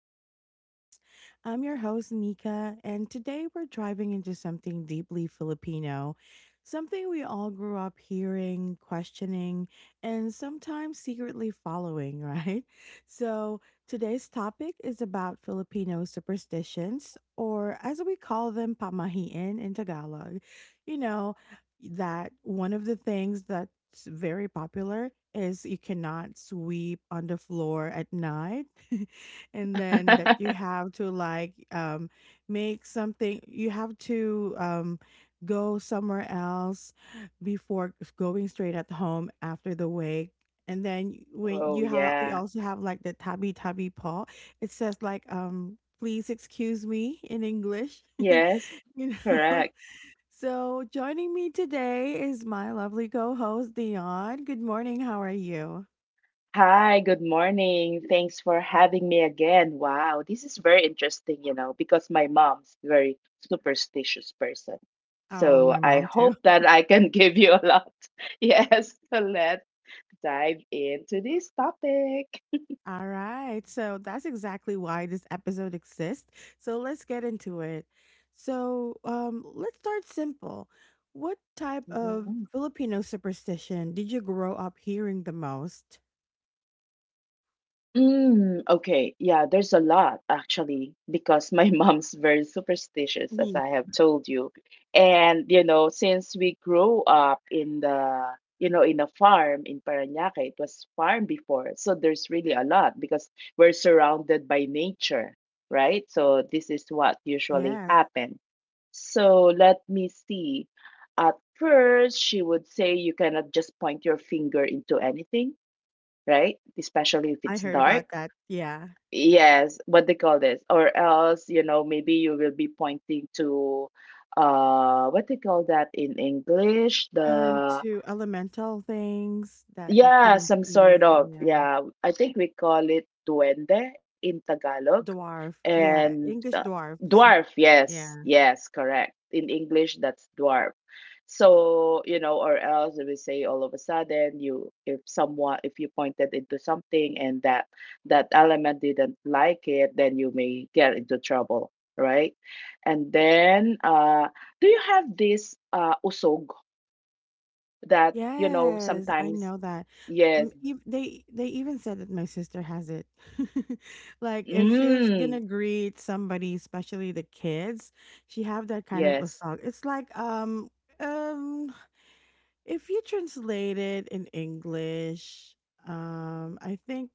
to the podcast. I'm your host, Nika, and today we're driving into something deeply Filipino, something we all grew up hearing, questioning, and sometimes secretly following, right? So, today's topic is about Filipino superstitions, or as we call them, pamahiin in Tagalog. You know, that one of the things that's very popular is you cannot sweep on the floor at night. And then that you have to like make something. You have to go somewhere else before going straight at home after the wake. And then y- when Oh, you have yeah. you also have like the tabby tabby paw. It says like please excuse me in English. Yes, you know correct. so, joining me today is my lovely co host, Dion. Good morning. How are you? Hi, good morning. Thanks for having me again. Wow, this is very interesting, you know, because my mom's very superstitious person. Oh, So my I mom, too. hope that I can give you a lot. Yes, so let's dive into this topic. All right. So, that's exactly why this episode exists. So, let's get into it. So, let's start simple. What type of Filipino superstition did you grow up hearing the most? Mm, okay. Yeah, there's a lot actually because my mom's very superstitious, as Me. I have told you. And you know, since we grew up in the you know in a farm in Parañaque, it was farm before, so there's really a lot because we're surrounded by nature, right? So this is what usually Yes, happens. So let me see. At first, she would say you cannot just point your finger into anything, right? Especially if I it's heard about dark, that. Yeah. yes, what they call this, or else you know maybe you will be pointing to what they call that in English, the To elemental things that you yeah, couldn't some sort of, see. Yeah. yeah. I think we call it duende in Tagalog. Dwarf. Yeah, And English dwarfs. Dwarf, yes, Yeah. yes, correct. In English, that's dwarf. So, you know, or else we say all of a sudden you if someone if you pointed into something and that that element didn't like it, then you may get into trouble, right? And then do you have this usog that you know Yes, I sometimes, know that. yes. Mm, they even said that my sister has it. Like if she's gonna Mm, greet somebody, especially the kids, she have that kind of yes. usag. It's like um if you translate it in English, I think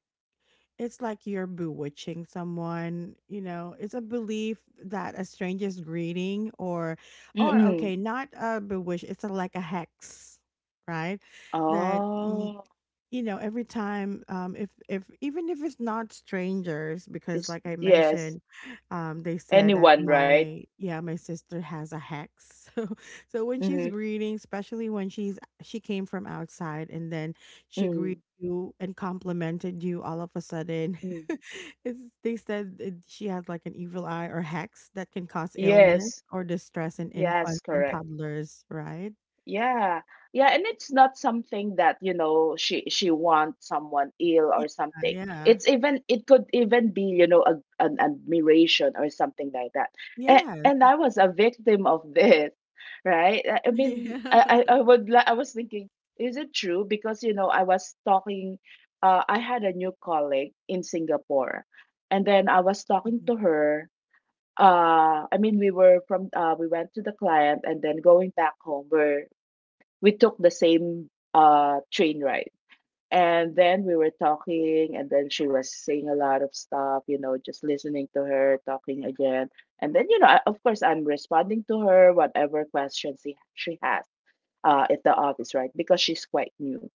it's like you're bewitching someone. It's a belief that a stranger's greeting or Mm-mm. okay, not a bewitch, it's a, like a hex, right? That Oh, every time if even if it's not strangers because it's like I yes. mentioned, they said that Anyone, right? my, yeah, my sister has a hex. So when she's Mm-hmm. greeting, especially when she came from outside and then she greets Mm, you and complimented you all of a sudden. mm. They said it, she has like an evil eye or hex that can cause illness Yes. or distress in Yes, infants and correct. toddlers, right? Yeah. Yeah, and it's not something that, you know, she wants someone ill Yeah, or something. yeah. It's even it could even be, you know, a, an admiration or something like that. Yes. And I was a victim of this, right? I mean, Yeah. I would I was thinking, is it true? Because, you know, I was talking, I had a new colleague in Singapore. And then I was talking Mhm. to her. I mean we were from we went to the client, and then going back home, we took the same train ride. And then we were talking, and then she was saying a lot of stuff, you know, just listening to her, talking again. And then, you know, I, of course, I'm responding to her, whatever questions she has at the office, right? Because she's quite new.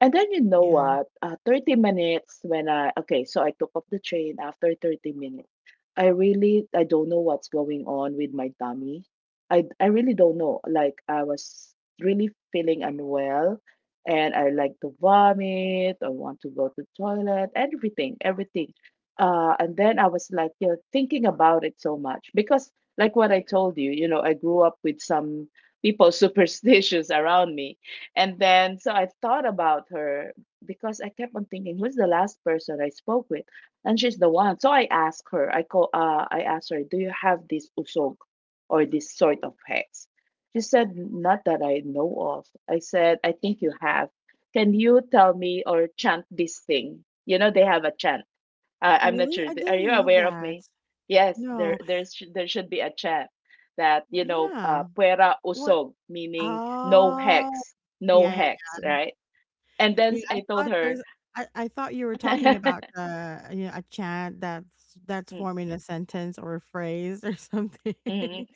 And then you know Yeah. what? 30 minutes when I, okay, so I took off the train after 30 minutes. I really, I don't know what's going on with my tummy. I really don't know. Like I was really feeling unwell and I like to vomit. I want to go to toilet, everything, everything. And then I was like, you know, thinking about it so much because like what I told you, you know, I grew up with some people superstitious around me and then, so I thought about her because I kept on thinking, who's the last person I spoke with? And she's the one. So I asked her, I call, I asked her, do you have this usog or this sort of hex? She said, not that I know of. I said, I think you have. Can you tell me or chant this thing? You know, they have a chant. Oh, I'm not really? sure. I Are didn't you know aware of me? that. Yes, there No. there's there should be a chant that you know, Yeah. "puera What? usog," meaning no Oh. hex, no Yeah, yeah, hex, right? And then yeah, I I told thought her. there's I I thought you were talking about, Mm, a chant that's forming a sentence or a phrase or something. mm.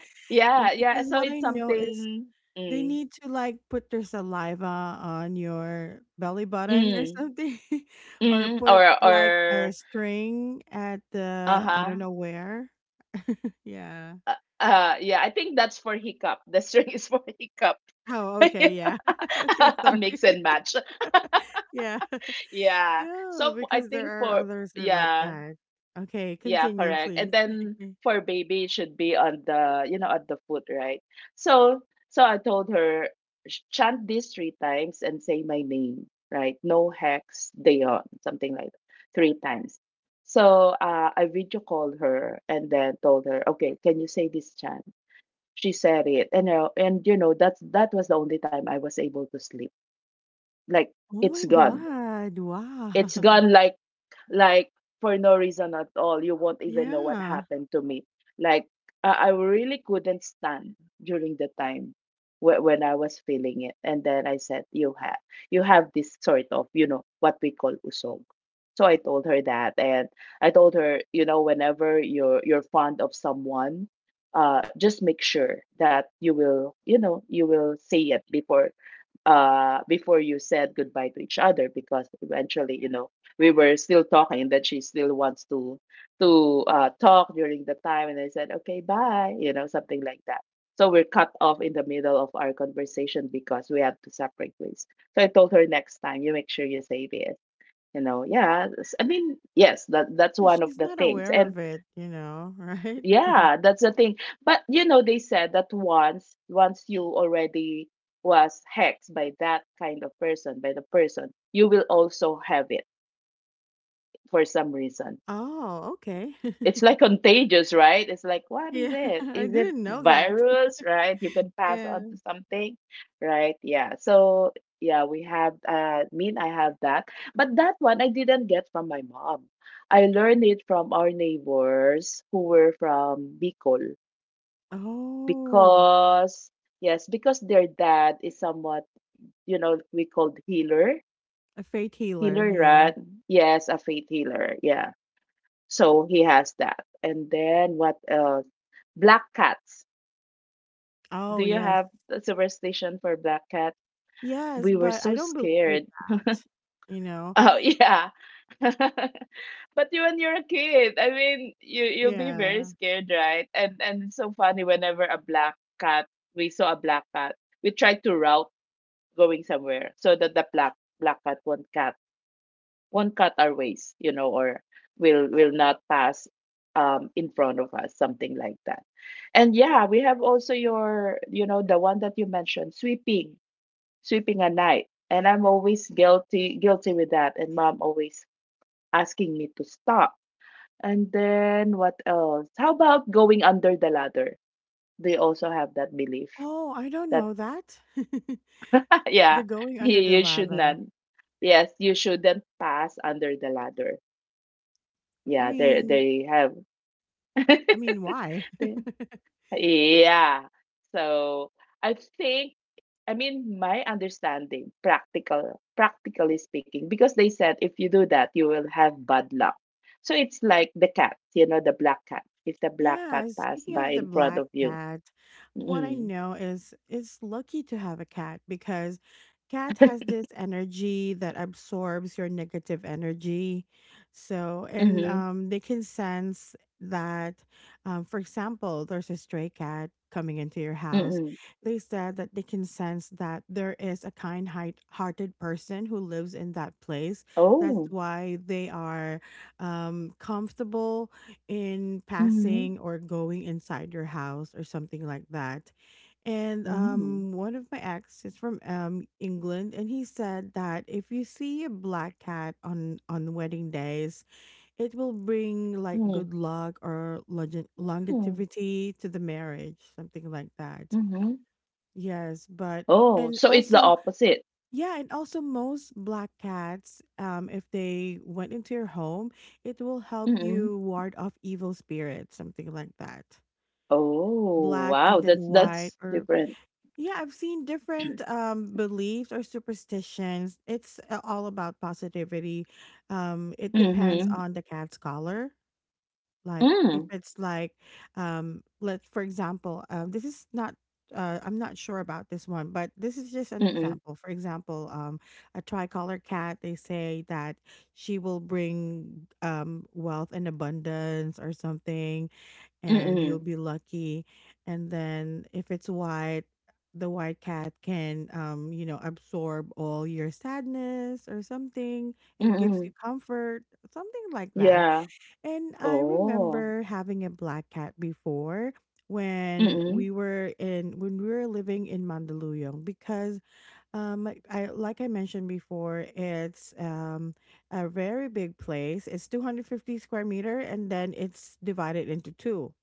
And Yeah, yeah. because So what it's I know is something, they mm, need to, like, put their saliva on your belly button or mm, something, or mm, put, like, a or string at the I don't uh-huh. know where. Yeah. uh yeah. I think that's for hiccup. The string is for hiccup. Oh, okay, yeah. Okay, A sorry. mix and match. Yeah. Yeah. So Yeah, I because there think are for others that are like yeah. that. Okay, Yeah, continue, correct. And please. then for baby, it should be on the, you know, at the foot, right? So, so I told her, Chant this three times and say my name, right? No hex, Dayon, something like that, three times. So I video called her and then told her, okay, can you say this chant? She said it, and you know that's that was the only time I was able to sleep. Like Oh it's my gone, God. Wow. it's gone. Like for no reason at all. You won't even know what Yeah. happened to me. Like I really couldn't stand during the time when I was feeling it, and then I said, you have this sort of you know what we call usog." So I told her that, and I told her, you know, whenever you're fond of someone, just make sure that you will, you know, you will say it before before you said goodbye to each other because eventually you know we were still talking and that she still wants to talk during the time, and I said okay bye, you know, something like that. So we're cut off in the middle of our conversation because we have to separate ways. So I told her next time you make sure you save it, you know. Yeah, I mean yes, that that's Yeah, one of she's the not things. aware And of it, you know, right? yeah, that's the thing, but you know they said that once you already was hexed by that kind of person, by the person, you will also have it for some reason. Oh, okay. It's like contagious, right? It's like, what is Yeah, it? I Is it didn't know that. virus, right? You can pass Yeah. on to something, right? Yeah. So yeah, we have mean I have that. But that one I didn't get from my mom. I learned it from our neighbors who were from Bicol Oh, because yes, because their dad is somewhat, you know, we called healer. a fate healer. Healer, Yeah. right? Yes, a faith healer. Yeah. So he has that. And then what else? Black cats. Oh, Do you yes. have a superstition for black cat? Yes, We were but I so don't believe in scared. that. You know? Oh yeah. But you when you're a kid, I mean, you you'll be very Yeah. scared, right? And it's so funny whenever a black cat, we saw a black cat, we tried to route going somewhere so that the black cat won't cat. Won't cut our ways, you know, or will not pass in front of us, something like that. And yeah, we have also your, you know, the one that you mentioned, sweeping, sweeping at night. And I'm always guilty with that. And mom always asking me to stop. And then what else? How about going under the ladder? They also have that belief Oh, I don't that know that. yeah, The going you, under the you should not, ladder. yes, you shouldn't pass under the ladder. I Yeah, mean they have I mean, why? yeah. So I think, I mean, my understanding, practical, practically speaking, because they said if you do that, you will have bad luck. So it's like the cat, you know, the black cat. If the black cat Yeah, passed speaking by of the in front black of you. cat, what I Mm, know is it's lucky to have a cat because cat has this energy that absorbs your negative energy. So, and mm-hmm, they can sense that, for example, there's a stray cat coming into your house. mm-hmm. They said that they can sense that there is a kind-hearted person who lives in that place. Oh, That's why they are comfortable in mm-hmm, passing or going inside your house or something like that. And mm-hmm, one of my ex is from England, and he said that if you see a black cat on wedding days, it will bring like mm-hmm, good luck or longevity to the marriage, something like that. mm-hmm. Yes, but Oh, and so it's the also, opposite. yeah, and also most black cats, if they went into your home, it will help Mm-hmm. you ward off evil spirits, something like that. Oh, Black and wow, then white, that's or different. yeah, I've seen different beliefs or superstitions. It's all about positivity. It depends Mm-hmm. on the cat's color like if Mm. it's like let for example this is not I'm not sure about this one, but this is just an Mm, example. For example, a tricolor cat, they say that she will bring wealth and abundance or something, and you'll mm, be lucky. And then if it's white, the white cat can, absorb all your sadness or something and gives you mm. comfort, something like that. Yeah, And I oh, remember having a black cat before mm, when we were living in Mandaluyong because like I mentioned before it's a very big place. It's 250 square meter and then it's divided into two.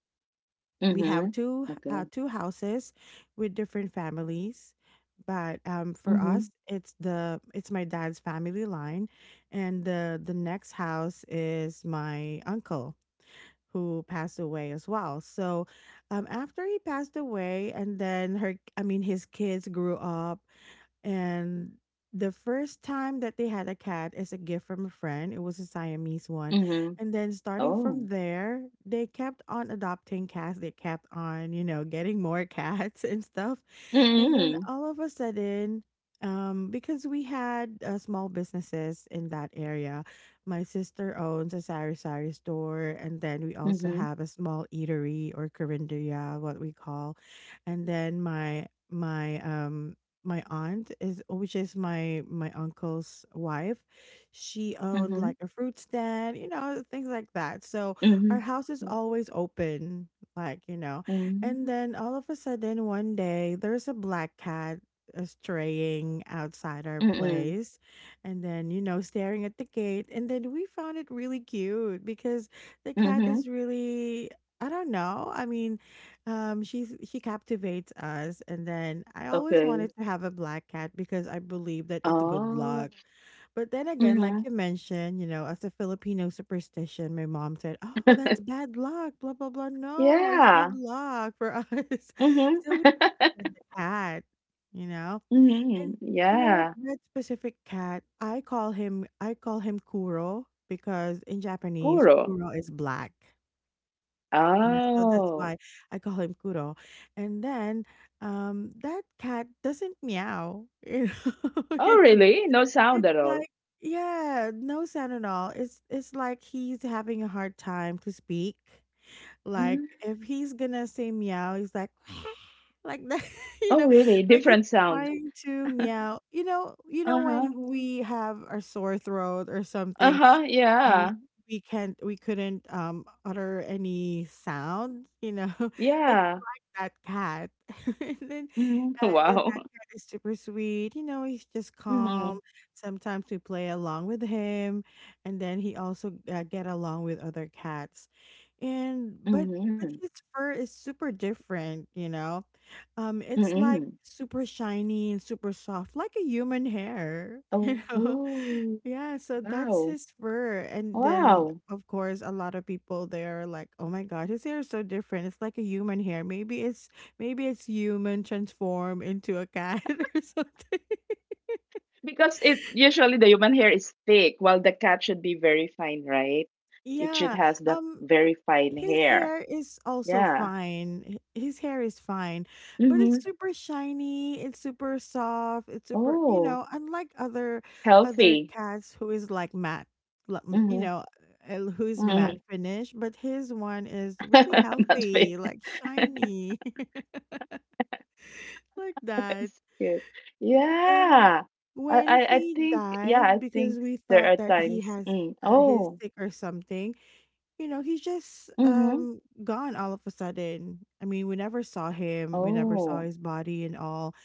We have mhm. two Okay, houses with different families. But for mhm, us, it's the it's my dad's family line, and the next house is my uncle who passed away as well. So, after he passed away, and then her, I mean, his kids grew up, and the first time that they had a cat is a gift from a friend. It was a Siamese one. mhm. And then starting Oh, from there, they kept on adopting cats. They kept on, getting more cats and stuff. And then mm, all of a sudden, because we had small businesses in that area, my sister owns a sari sari store, and then we also mhm, have a small eatery or carinderia, what we call, and then my aunt is which is my uncle's wife, she owned mhm, like a fruit stand, things like that. So mhm. our house Yeah, is always open, like you know and then all of a sudden one day there's a black cat straying outside our mm, mm, place, and then staring at the gate, and then we found it really cute because the cat mhm. is really I don't know. I mean, she captivates us, and then I always Okay. wanted to have a black cat because I believe that it's good Oh, luck. But then again, like mhm. you mentioned, as a Filipino superstition, my mom said, "Oh, that's bad luck." Blah blah blah. No, it's good Yeah, luck for us. So mhm. we adopted the cat, you know, and Mhm, you know what? yeah, That specific cat, I call him Kuro because in Japanese, Kuro. Kuro is black. Yeah, so that's Oh. why I call him Kuro. And then that cat doesn't meow. You know? Oh, You know, really? No sound it's at all. like yeah, no sound at all. It's like he's having a hard time to speak. Like Mhm. if he's gonna say meow, he's like like that, you Oh, know, really? like he's Different sound. trying to meow. You know when Uh-huh. we have our sore throat or something Uh-huh, um, yeah. we couldn't utter any sound, you know. It's Yeah. like that cat. And then Mhm. And then that Wow. cat is super sweet. You know, he's just calm. Mhm. Sometimes we play along with him, and then he also get along with other cats. And Mhm. but his fur is super different, you know. It's like Mhm. super shiny and super soft, like a human hair, you know. Oh, Yeah, so wow. that's his fur. And Wow. then, of course, a lot of people there are like, "Oh my gosh, his hair is so different. It's like a human hair. Maybe it's human transformed into a cat or something." Because it usually the human hair is thick, while the cat should be very fine, right? It should Yeah. has the Um very fine His hair. hair is also Yeah. fine. His hair is fine, but Mhm. it's super shiny, it's super soft, it's super, you Oh, know, unlike other healthy. cats who is like matte, like, you Mhm. know, who's matte Mhm. finish, but his one is really Not healthy, fit. like shiny, like that. That's good. And Yeah. I, when I I he think yeah, died I think because we there thought are that he times. has Mm. His Oh. sick or something, you know, he's just Mhm. Gone all of a sudden. I mean, we never saw him, we never saw his Oh. body and all.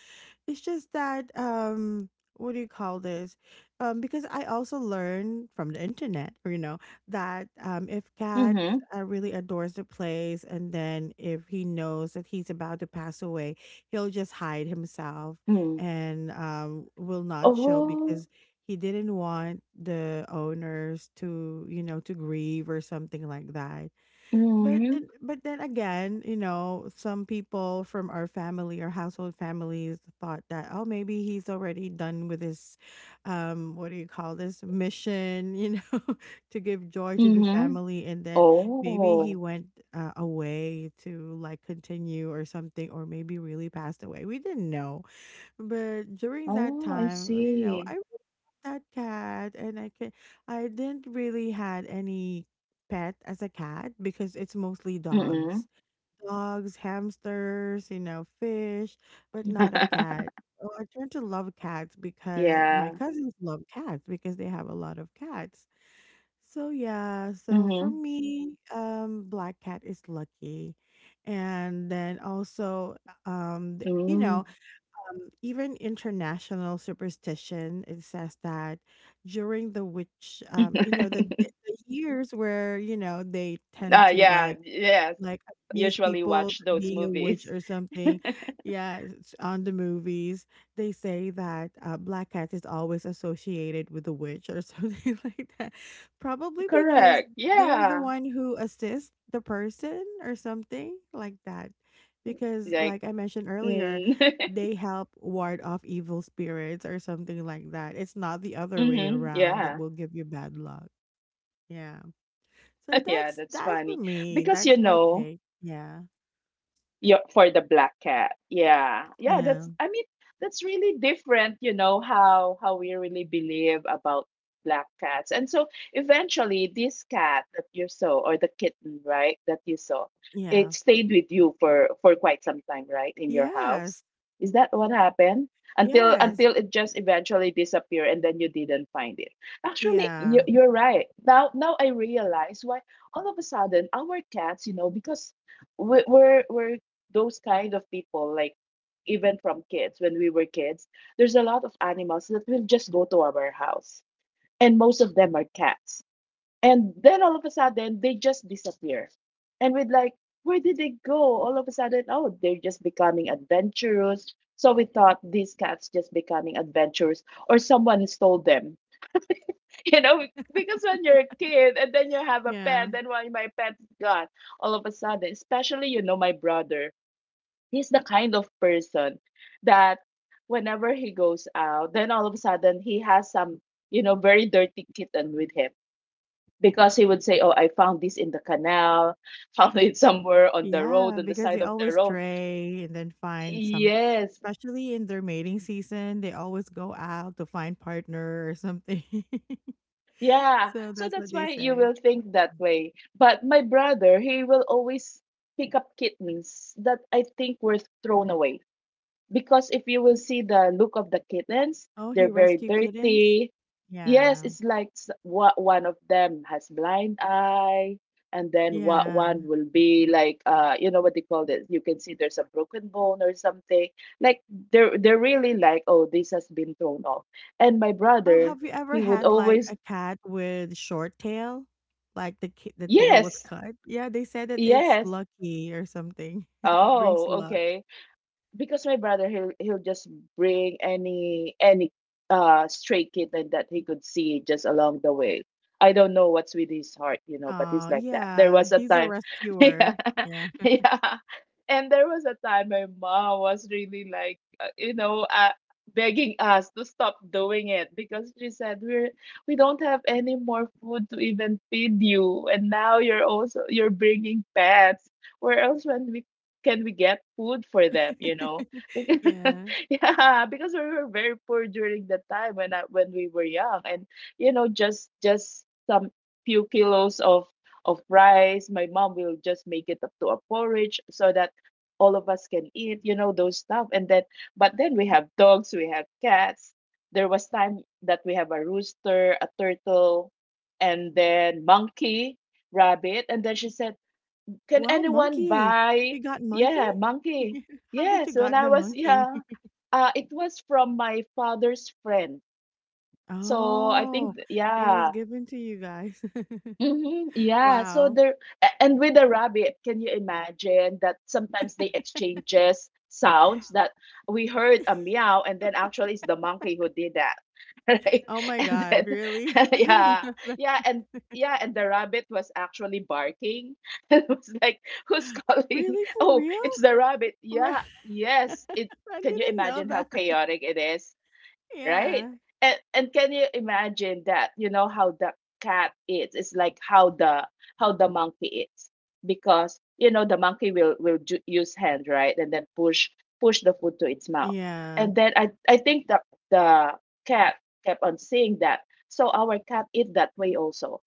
It's just that what do you call this? Because I also learned from the internet, you know, that if cat Mh-mh. Really adores the place and then if he knows that he's about to pass away, he'll just hide himself Mh. and will not show Oh. because he didn't want the owners to, you know, to grieve or something like that. But then- Mhm. but then again, some people from our family or household families thought that oh maybe he's already done with his what do you call this mission, you know, to give joy to the Mhm. family and then maybe he Oh. went away to like continue or something or maybe really passed away. We didn't know. But during that Oh, I time, you know, I really see. loved that cat, and I didn't really had any pet as a cat because it's mostly dogs, Mm. dogs, hamsters, you know, fish, but not a cat. Oh, I turned to love cats because Yeah. my cousins love cats because they have a lot of cats. Mhm. So yeah, so for me, black cat is lucky, and then also Mm. um, th- you know, even international superstition it says that during the witch you know the years where you know they yeah, tend to yes. like Usually watch accuse those people of movies. being a witch or something. Yeah, it's on the movies. They say that black cat is always associated with a witch or something like that. Probably Correct. because Yeah. they're the one who assists the person or something like that. Because, Like like I mentioned mm. earlier, they help ward off evil spirits or something like that. It's not the other way Mhm. around Yeah. that will give you bad luck. Yeah. So Yeah, that's that's that's for funny. me. Because, you That's my know, take. Yeah. yeah, for the black cat. Yeah. Yeah, Yeah. that's I mean, that's really different, you know, how we really believe about black cats. And so eventually this cat that you saw or the kitten, right, that you saw, it Yeah. stayed with you for quite some time, right, in your house. Yes. Is that what happened? Until Yes. It just eventually disappeared and then you didn't find it. Actually, Yeah. you're right. Now I realize why all of a sudden our cats, you know, because we're those kind of people, like even from kids when we were kids, there's a lot of animals that will just go to our house, and most of them are cats, and then all of a sudden they just disappear, and we'd like, where did they go all of a sudden? Oh, they're just becoming adventurous. So we thought these cats just becoming adventurous or someone stole them. You know, because when you're a kid and then you have a Yeah. pet, then why my pet's gone all of a sudden? Especially, you know, my brother, he's the kind of person that whenever he goes out, then all of a sudden he has some, you know, very dirty kitten with him, because he would say, "Oh, I found this in the canal, found it somewhere on the road, Yeah. on the Because they side of the always road." stray and then find some, Yes. especially in their mating season, they always go out to find partner or something. Yeah. So So that's that's what they why you say. will think that way. But my brother, he will always pick up kittens that I think were thrown away, because if you will see the look of the kittens, Oh, he they're very rescue kittens? dirty. Yes, Yeah. it's like, what, one of them has blind eye, and then what, Yeah. one will be like, you know what they call it? You can see there's a broken bone or something. Like, they're really like, oh, this has been thrown off. And my Oh, brother, have you ever he would had like always, a cat with short tail? Like the the tail was yes, cut? Yeah, they said that it's yes. lucky or something. It brings Oh, luck. okay. Because my brother, he'll just bring any stray kitten that he could see just along the way. I don't know what's with his heart, you know, but he's Oh like that. There yeah, was a he's a time, yeah, rescuer. Yeah. yeah, and there was a time my mom was really like, you know, begging us to stop doing it, because she said we're, we don't have any more food to even feed you, and now you're also you're bringing pets. Where else when we can we get food for them, you know? Yeah. Yeah, because we were very poor during the time when I, when we were young, and you know, just some few kilos of rice my mom will just make it up to a porridge so that all of us can eat, you know, those stuff. And then, but then we have dogs, we have cats. There was time that we have a rooster, a turtle, and then monkey, rabbit, and then she said, can Wow, anyone monkey. buy? You got monkey? Yeah, monkey. How did Yes, you when got I the was, monkey? yeah, it was from my father's friend. So I Oh, think, it was yeah, given to you guys. Mhm, yeah, so Wow. there and with the rabbit, can you imagine that sometimes they exchanges sounds, that we heard a meow and then actually it's the monkey who did that. Right? Oh my And god, then really? I didn't yeah. know that. Yeah, and yeah, and the rabbit was actually barking. It was like, who's calling? Really, for Oh, real? it's the rabbit. Ri Yeah. Yes. It, I can you didn't know imagine how that. chaotic it is? Right? Yeah. And can you imagine that? You know how the cat eats. It's like how the monkey eats, because you know the monkey will will use hand, right, and then push, push the food to its mouth. Yeah. And then I think the cat kept on seeing that. So our cat eat that way also.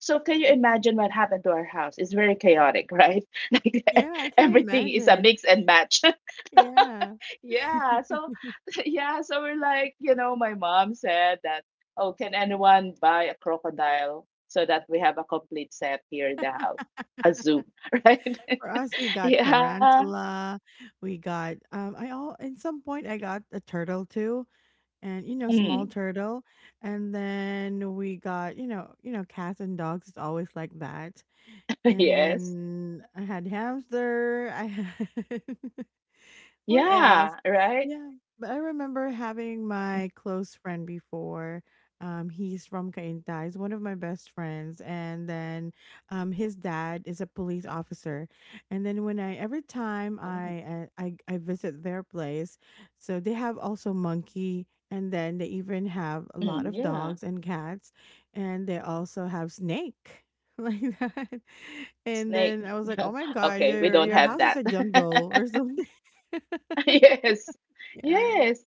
So can you imagine what happened to our house? It's very chaotic, right? Like Yeah, I can everything is a imagine. mix and match. Yeah. Yeah, so yeah, so we're like, you know, my mom said that, oh, can anyone buy a crocodile so that we have a complete set here in the house, a zoo, right? For us, we got Yeah. tarantula. We got I all in some point I got a turtle too, and you know small Mm. turtle, and then we got you know cats and dogs. It's always like that. And Yes. then I had hamster. I had What else? Yeah, right? Yeah, but I remember having my close friend before. He's from Cainta. He's one of my best friends, and then his dad is a police officer. And then when I every time Mm. I visit their place, so they have also monkey, and then they even have a lot Mm. of dogs Yeah. and cats, and they also have snake like that. And Snake. then I was like, "Oh my god, Okay, we don't your have house is that. a jungle or something." Yes. Yeah. Yes.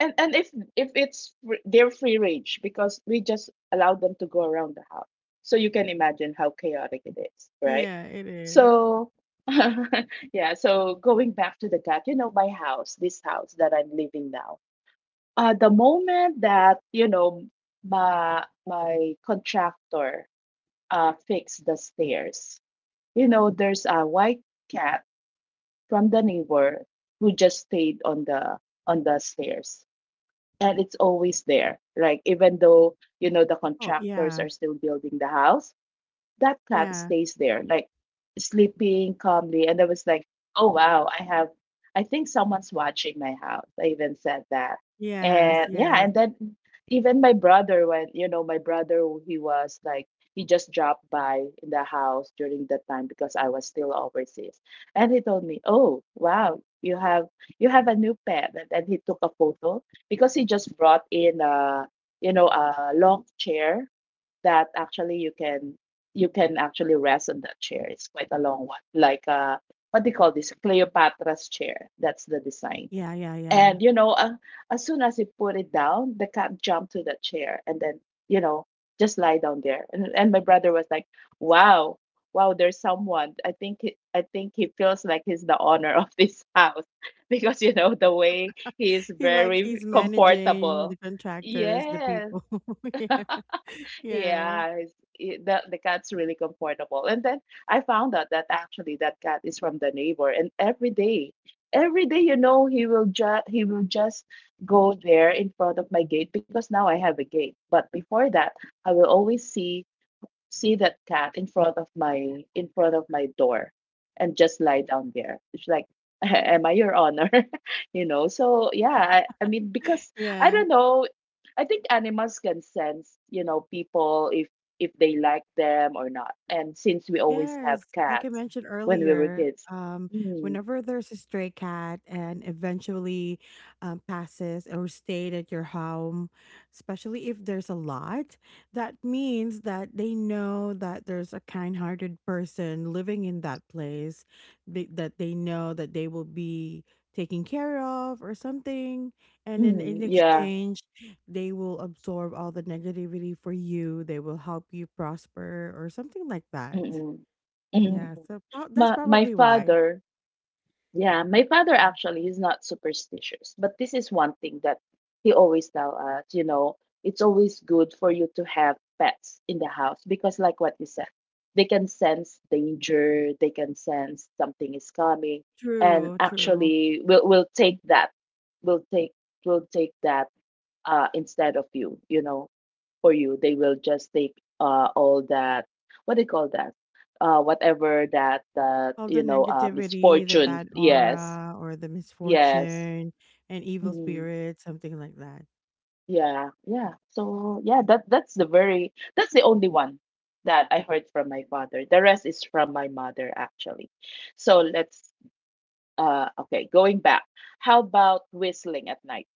And if if they're free range, because we just allow them to go around the house, so you can imagine how chaotic it is, right? Yeah, it is. So yeah, so going back to the cat, you know, my house, this house that I'm living now, the moment that, you know, my contractor fixed the stairs, you know, there's a white cat from the neighbor who just stayed on the, on the stairs, and it's always there. Like even though you know the Oh, contractors yeah. are still building the house, that cat Yeah. stays there, like sleeping calmly. And I was like, oh, wow, I have, I think someone's watching my house. I even said that. Yes, And yeah, yes. and then even my brother, when, you know, my brother, he was like, he just dropped by in the house during that time because I was still overseas. And he told me, oh, wow, you have a new pet. And then he took a photo, because he just brought in a, you know, a long chair, that actually you can, you can actually rest on that chair. It's quite a long one, like, what do you call this? Cleopatra's chair. That's the design. Yeah, yeah, yeah. And you know, as soon as you put it down, the cat jumped to the chair and then, you know, just lie down there. And my brother was like, "Wow, wow, there's someone. I think he feels like he's the owner of this house because you know the way he is He like very he's managing the comfortable." contractors, the Yes, people. Yeah. Yeah. yeah, it's, it, the cat's really comfortable. And then I found out that actually that cat is from the neighbor, and every day, you know, he will just go there in front of my gate, because now I have a gate. But before that, I will always see, see that cat in front of my, in front of my door, and just lie down there. It's like, am I your honor? You know, so yeah, I mean, because I Yeah. don't know, I think animals can sense, you know, people if they like them or not. And since we always have Yes, like I cats mentioned when we were earlier, kids, mm, whenever there's a stray cat and eventually passes or stayed at your home, especially if there's a lot, that means that they know that there's a kind-hearted person living in that place, that they know that they will be taken care of or something. And then in mm, yeah, exchange, they will absorb all the negativity for you. They will help you prosper or something like that. mm, mm, Yeah, mm. so prob that's my my probably why. father Yeah, my father Mm. actually is not superstitious, but this is one thing that he always tell us, you know, it's always good for you to have pets in the house, because like what you said, they can sense danger, they can sense something is coming, and True, true. actually we'll will take that. We'll take will take that, instead of you, you know, for you. They will just take all that, what do you call that? Whatever that All the you know, negativity, the misfortune, bad yes. aura, or the Yes. misfortune and evil Mm. spirit, something like that. Yeah, yeah. So yeah, that that's the very, that's the only one that I heard from my father. The rest is from my mother actually. So let's, okay, going back. How about whistling at night?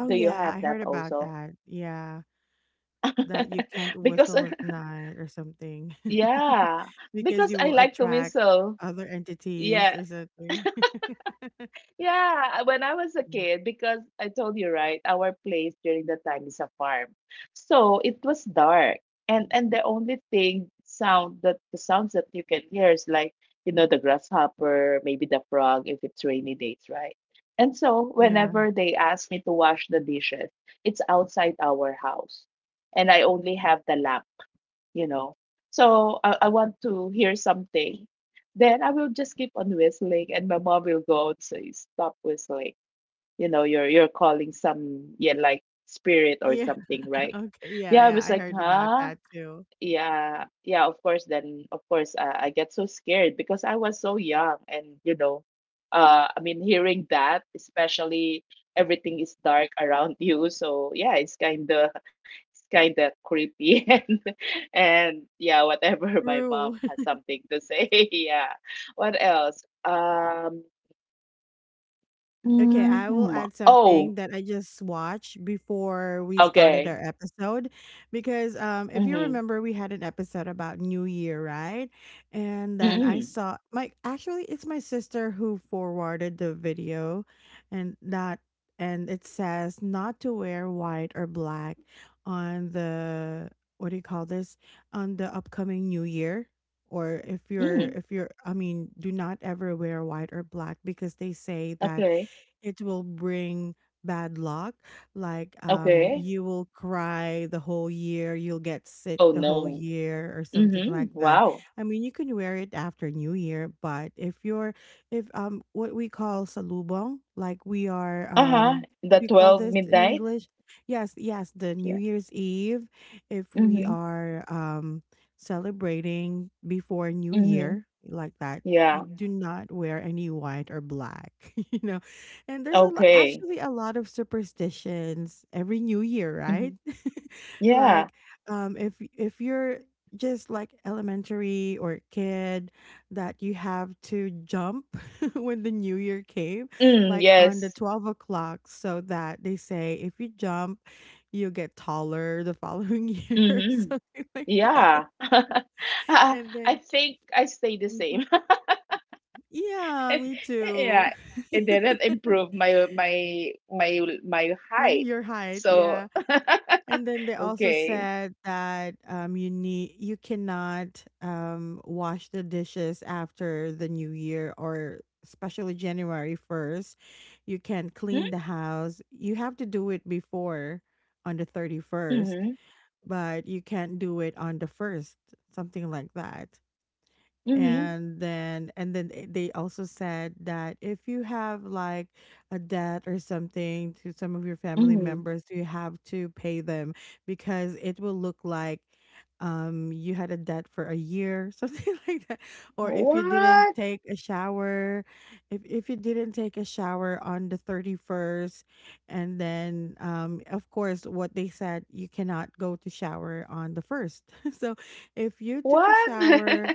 Oh Do you yeah, have I that heard about also? that. Yeah, that you can't Because whistle at night or something yeah, because because you I will like to attract whistle. other entities Yeah, or something. yeah, when I was a Mm. kid, because I told you, right, our place during the time is a farm, so it was dark, and the only thing sound that the sounds that you can hear is like, you know, the grasshopper, maybe the frog if it's rainy days, right? And so Yeah. whenever they ask me to wash the dishes, it's outside our house, and I only have the lamp, you know. So I want to hear something. Then I will just keep on whistling, and my mom will go and say, "Stop whistling." You know, you're calling some, yeah, like spirit or Yeah. something, right? Okay. Yeah. Yeah, I Yeah. was I like, heard about huh? that too. Yeah, yeah, of course. Then, of course, I get so scared because I was so young, and you know, I mean, hearing that, especially everything is dark around you. So yeah, it's kind of creepy, and yeah, whatever. My mom True. has something to say. Yeah. What else? Okay, I will Mhm. add Oh, something that I just watched before we started okay. our episode because if you Mm-hmm. remember we had an episode about New Year, right? And then I Mm-hmm. saw my actually it's my sister who forwarded the video and that and it says not to wear white or black on the what do you call this? On the upcoming New Year. Or Mm. if you're, I mean, do not ever wear white or black because they say that Okay. it will bring bad luck like Mhm. Okay. You will cry the whole year, you'll get sick Oh the whole no. year or something like Mm-hmm. that. Wow. I mean you can wear it after new year, but if you're if what we call salubong, like we are Uh-huh. What do The you call 12 this in midnight? english? Yes, yes, the new Yeah. year's eve. If we Mm-hmm. are celebrating before new Mm-hmm. year like that, you Yeah. do Yeah. not wear any white or black you know. And there's a lot, Okay. actually a lot of superstitions every new year, Mm-hmm. right? Yeah. Like, if you're just like elementary or kid, that you have to jump when the new year came, Mm, like on the yes. 12 o'clock, so that they say if you jump, you'll get taller the following year, or Mm-hmm. something like that. Yeah. I And I then, think I stay the same. Mhm. yeah, I- me too. yeah. It didn't improve my my My height. your height, So yeah. And then they also okay. said that you need you cannot wash the dishes after the new year or especially January 1st. You can't Hmm? clean the house. You have to do it before on the 31st, Mm-hmm. but you can't do it on the 1st, something like that. Mm-hmm. And then they also said that if you have like a debt or something to some of your family Mm-hmm. members, you have to pay them because it will look like you had a debt for a year something like that. Or if you didn't What? take a shower, if you didn't take a shower on the 31st, and then of course what they said, you cannot go to shower on the 1st so if you took a What? shower,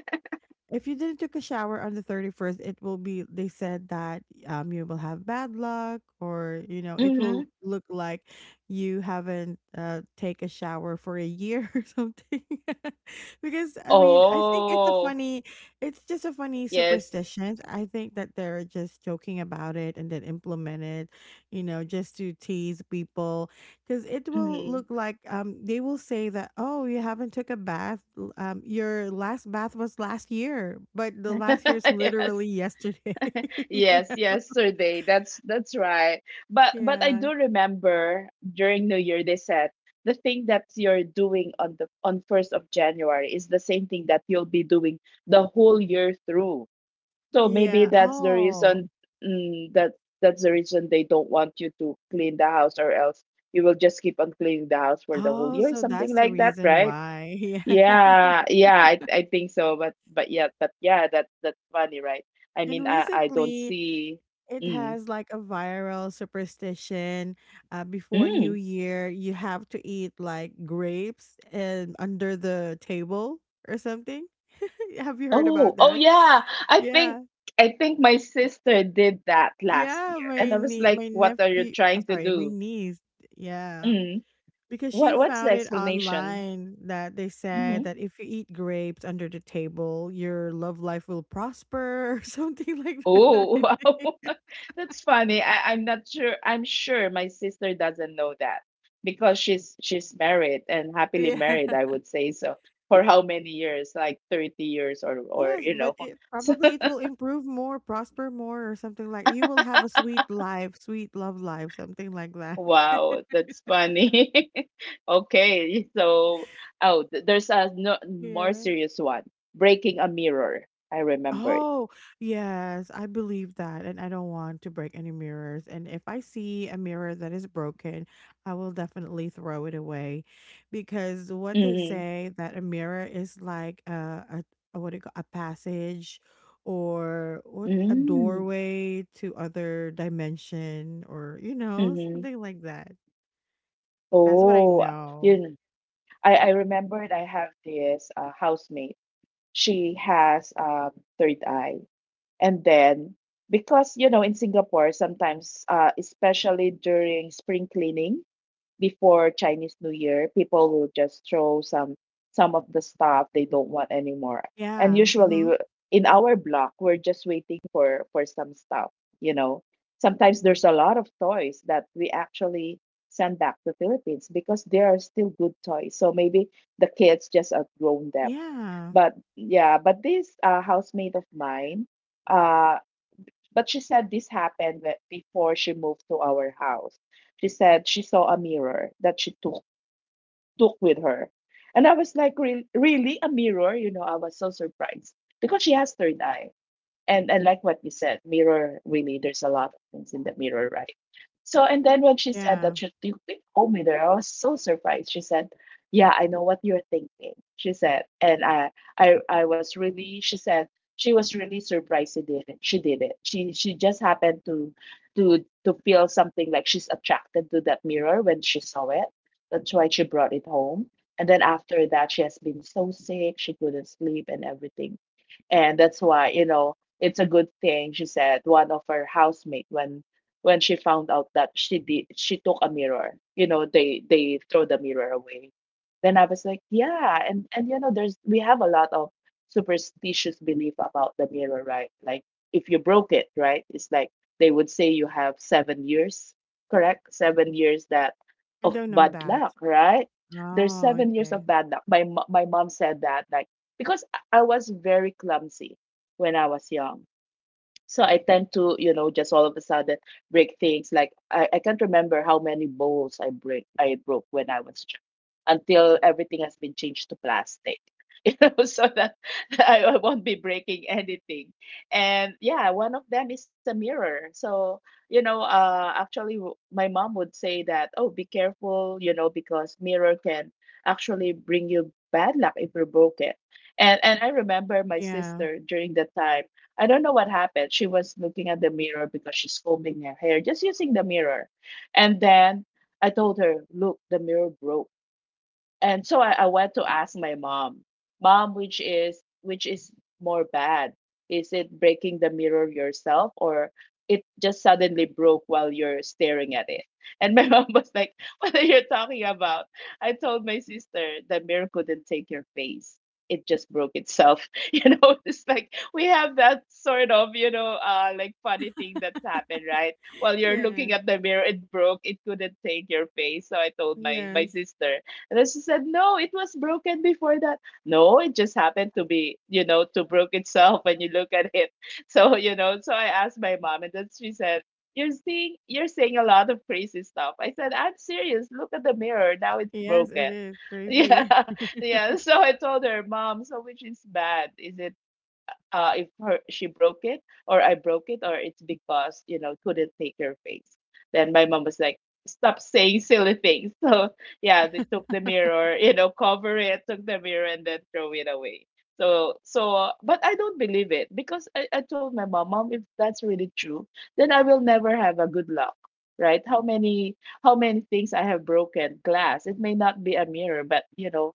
if you didn't took a shower on the 31st, it will be they said that you will have bad luck or you know, it Mm-hmm. will look like you haven't take a shower for a year or something. Because I mean, I think it's a Oh, funny it's just a funny yes. superstition. I think that they're just joking about it and then implement it, you know, just to tease people because it will Mm-hmm. look like they will say that oh you haven't took a bath your last bath was last year, but the last year's yes. literally yesterday. You Yes, know? yesterday. That's right. But I Yeah. do remember during New Year they said the thing that you're doing on the on 1st of January is the same thing that you'll be doing the whole year through. So maybe Yeah. that's the Oh. reason, mm, that that's the reason they don't want you to clean the house, or else you will just keep on cleaning the house for the whole Oh year, so that's something the like that, reason right? why yeah. Yeah, yeah, I think so. But yeah, that that's funny, right? I And mean, I don't recently see. it Mm, has like a viral superstition, before new mm. year you have to eat like grapes and under the table or something. Have you heard Oh, about oh that? yeah. I think, Yeah. I think my sister did that last Yeah, year, and my I was nie like, my "What are you nephew, oh, trying to sorry, my do? niece. Yeah, Mm. because she What what's the found it explanation?" online that they said Mm-hmm. that if you eat grapes under the table, your love life will prosper or something like that. Oh, wow. That's funny. I, I'm not sure. I'm sure my sister doesn't know that, because she's married and happily Yeah. married, I would say so. For how many years? Like 30 years or Yes, you know. but it So probably it will improve more, prosper more, or something like you will have a sweet life, sweet love life, something like that. wow, that's funny. Okay, so oh, there's a, no, more Yeah. serious one. Breaking a mirror. I remembered. Oh, yes, I believe that, and I don't want to break any mirrors. And if I see a mirror that is broken, I will definitely throw it away because what they Mm-hmm. say that a mirror is like a what do you call a passage or what a Mm-hmm. doorway to other dimension or you know Mm-hmm. something like that. That's what I Oh, know. you, I remembered I have this housemate. She has third eye. And then, because, you know, in Singapore, sometimes, especially during spring cleaning, before Chinese New Year, people will just throw some of the stuff they don't want anymore. And Yeah. usually Mm-hmm. In our block, we're just waiting for some stuff. You know, sometimes there's a lot of toys that we actually send back to Philippines because they are still good toys. So maybe the kids just outgrown them. Yeah. But yeah, but this housemate of mine, uh, but she said this happened before she moved to our house. She said she saw a mirror that she took with her, and I was like, "Really, really a mirror?" You know, I was so surprised because she has third eye, and like what you said, mirror, really, there's a lot of things in the mirror, right? So and then when she said Yeah. that, she you told me there, I was so surprised. She said, yeah, I know what you're thinking, she said. And I was really, she said, she was really surprised. She did it, she did it, she just happened to to feel something, like she's attracted to that mirror when she saw it. That's why she brought it home. And then after that, she has been so sick, she couldn't sleep and everything. And that's why, you know, it's a good thing, she said, one of her housemate, when she found out that she did, she took a mirror. You know, they throw the mirror away. Then I was like, yeah, and you know, there's we have a lot of superstitious belief about the mirror, right? Like if you broke it, right? It's like they would say you have 7 years, correct? 7 years that I of don't know bad that. luck, right? There's Oh, 7 years okay. of bad luck. My mom said that, like, because I was very clumsy when I was young. So I tend to, you know, just all of a sudden break things. Like I can't remember how many bowls I broke when I was young, until everything has been changed to plastic. You know, so that I won't be breaking anything. And yeah, one of them is a mirror. So, you know, actually, my mom would say that, oh, be careful, you know, because mirror can actually bring you bad luck if you broke it. And I remember my Yeah. sister during the time, I don't know what happened. She was looking at the mirror because she's combing her hair, just using the mirror. And then I told her, "Look, the mirror broke." And so I went to ask my mom, "Mom, which is more bad? Is it breaking the mirror yourself or it just suddenly broke while you're staring at it?" And my mom was like, "What are you talking about? I told my sister the mirror couldn't take your face. It just broke itself." You know, it's like we have that sort of, you know, like funny thing that's happened, right? While you're Yeah. looking at the mirror, it broke, it couldn't take your face. So I told my Yes. sister. And then she said, "No, it was broken before that." No, it just happened to be, you know, to broke itself when you look at it. So, you know, so I asked my mom, and then she said, "You're seeing you're saying a lot of crazy stuff." I said, "I'm serious. Look at the mirror. Now it's Yes, it broken." is crazy. Yeah. Yeah. So I told her, "Mom, so which is bad? Is it if her, she broke it or I broke it or it's because, you know, couldn't take her face." Then my mom was like, "Stop saying silly things." So yeah, they took the mirror, you know, cover it, took the mirror, and then throw it away. So but I don't believe it because I told my mom, "Mom, if that's really true, then I will never have a good luck." Right? How many, how many things I have broken glass? It may not be a mirror, but, you know,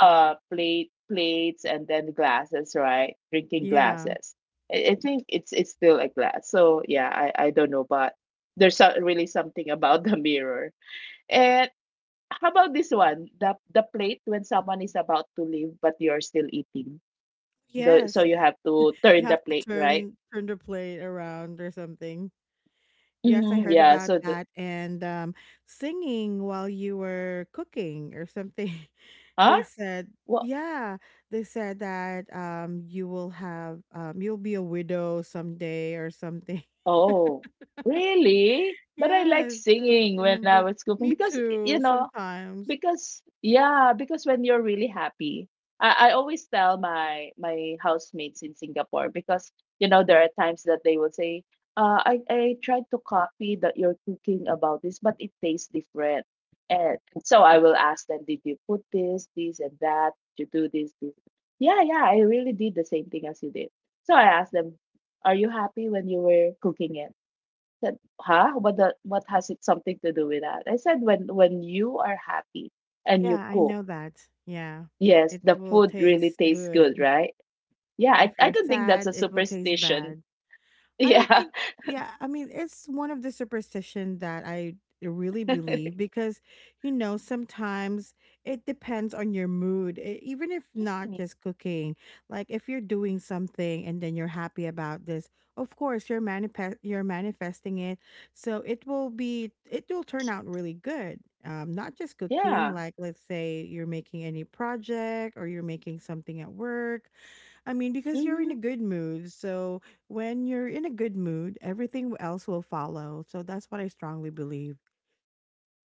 plate, plates, and then glasses, right? Drinking Yeah. glasses, I think it's still a glass. So yeah, I don't know, but there's really something about the mirror. And how about this one, the plate when someone is about to leave but you're still eating, the so Yes. you have to turn You the have to plate, right? turn the plate around or something. Yes, I Mm-hmm. heard Yeah, about so the, that and singing while you were cooking or something. huh, They said, what, yeah, they said that you will have you'll be a widow someday or something. oh really? But I like Yes, I singing when I remember. Was cooking Me because, you too, know, sometimes. because when you're really happy, I always tell my housemates in Singapore because, you know, there are times that they will say, I tried to copy that you're cooking about this but it tastes different. And so I will ask them, did you put this, this, and that, did you do this, yeah, yeah, I really did the same thing as you did. So I asked them, are you happy when you were cooking it? Said, huh? What the, what has it something to do with that? I said, when you are happy and Yeah, you I cook, know that. Yeah. yes, It the will food really taste tastes good, good. right? Yeah, I, If I you're don't think that's a sad, it will taste superstition. bad. I don't Yeah. think yeah, I mean, it's one of the superstition that I really believe because you know, sometimes it depends on your mood. Even if not Mm. just cooking, like if you're doing something and then you're happy about this, of course, you're manifest you're manifesting it. So it will be it will turn out really good. Not just cooking, Yeah. like let's say you're making any project or you're making something at work. I mean, because Hmm. you're in a good mood. So when you're in a good mood, everything else will follow. So that's what I strongly believe.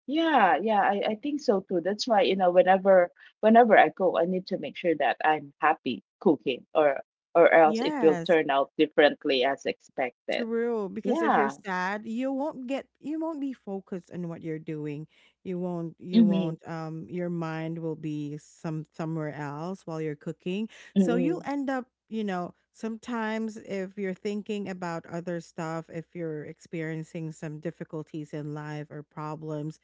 Yeah, yeah, I think so too. That's why, you know, whenever I go, I need to make sure that I'm happy cooking or else it will Yes. turn out differently as expected. True, because if you're Yeah. sad, you won't get you won't be focused on what you're doing. You Mm-hmm. won't your mind will be somewhere else while you're cooking. So you'll Mm-hmm. end up, you know, sometimes if you're thinking about other stuff, if you're experiencing some difficulties in life or problems,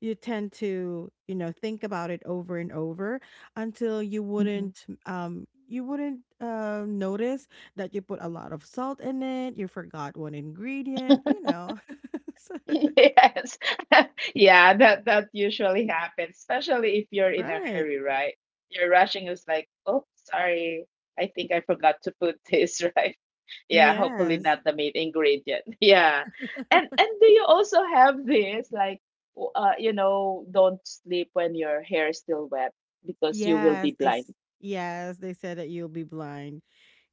you tend to, you know, think about it over and over until you wouldn't notice that you put a lot of salt in it, you forgot one ingredient, you know. So- Yes. Yeah, that that usually happens, especially if you're in a right. hurry, right? You're rushing, it's like, oh, sorry, I think I forgot to put this, right? Yeah, hopefully Yes. not the main ingredient. Yeah. And do you also have this, like, you know, don't sleep when your hair is still wet because you will Yes, be they blind. Yes, they said that you'll be blind.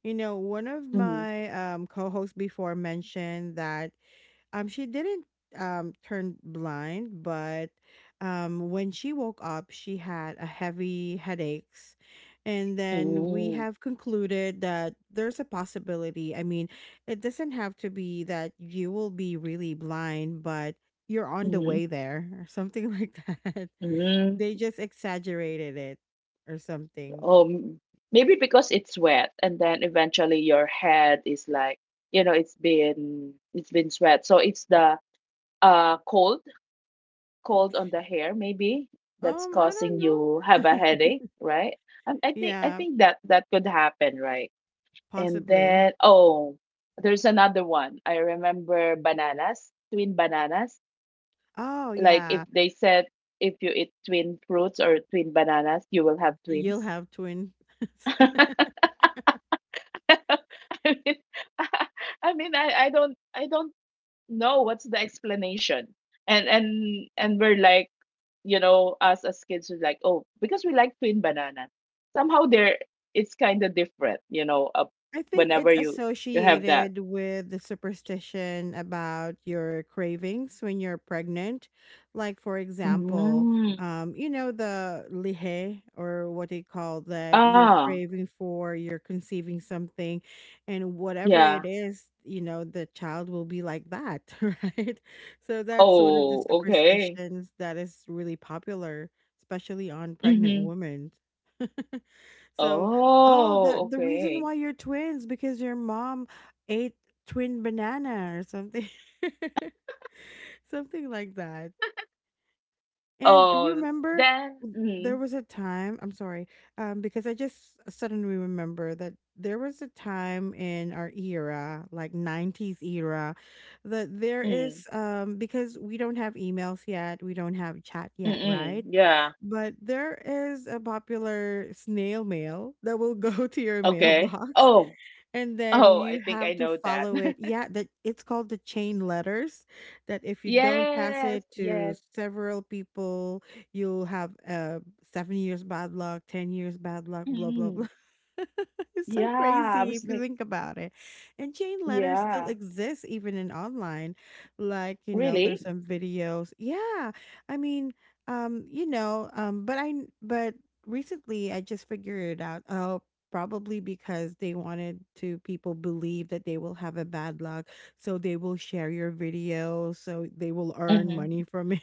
You know, one of Mm-hmm. my co-hosts before mentioned that she didn't turn blind, but when she woke up, she had a heavy headaches. And then we Mm-hmm. have concluded that there's a possibility. I mean, it doesn't have to be that you will be really blind, but you're on the Mm-hmm. way there or something like that. They Mm-hmm. just exaggerated it or something. Um, maybe because it's wet, and then eventually your head is like, you know, it's been sweat. So it's the cold, cold on the hair maybe that's I causing you have don't a know. headache, right? I think, I Yeah, think that that could happen, right? And possibly. then, oh, there's another one. I remember bananas, twin bananas. Oh Like if yeah, they said, if you eat twin fruits or twin bananas, you will have you'll twins. have twins. I mean, I mean, I don't know what's the explanation. And we're like, you know, us as kids are like, oh, because we like twin banana. Somehow there, it's kind of different, you know. I think Whenever it's you have that. associated with the superstition about your cravings when you're pregnant. Like, for example, Mm. You know, the lihe, or what they call that, you're Ah, craving for, you're conceiving something, and whatever it yeah. is, you know, the child will be like that, right? So, that's one of the Oh, okay. superstitions that is really popular, especially on pregnant Mm-hmm. women. So, oh, the Oh, reason okay. why you're twins because your mom ate twin banana or something, something like that. And Oh, remember, then. there Mm, was a time, I'm sorry, because I just suddenly remember that there was a time in our era, like 90s era, that there mm, is, because we don't have emails yet, we don't have chat mm, yet, mm, right? yeah. But there is a popular snail mail that will go to your Okay. mailbox Oh, and then oh, I you think I have to know that. follow it. Yeah, that it's called the chain letters. That if you don't pass Yes, it to yes. several people, you'll have 7 years bad luck, 10 years bad luck, blah blah blah. Mhm. It's so Yeah, I crazy was if you like, think about it. And chain letters still yeah, exist even in online. Like, you know, there's really? some videos. Yeah. I mean, but I but recently I just figured it out. Oh, probably because they wanted to people believe that they will have a bad luck, so they will share your video, so they will earn Hmm. money from it,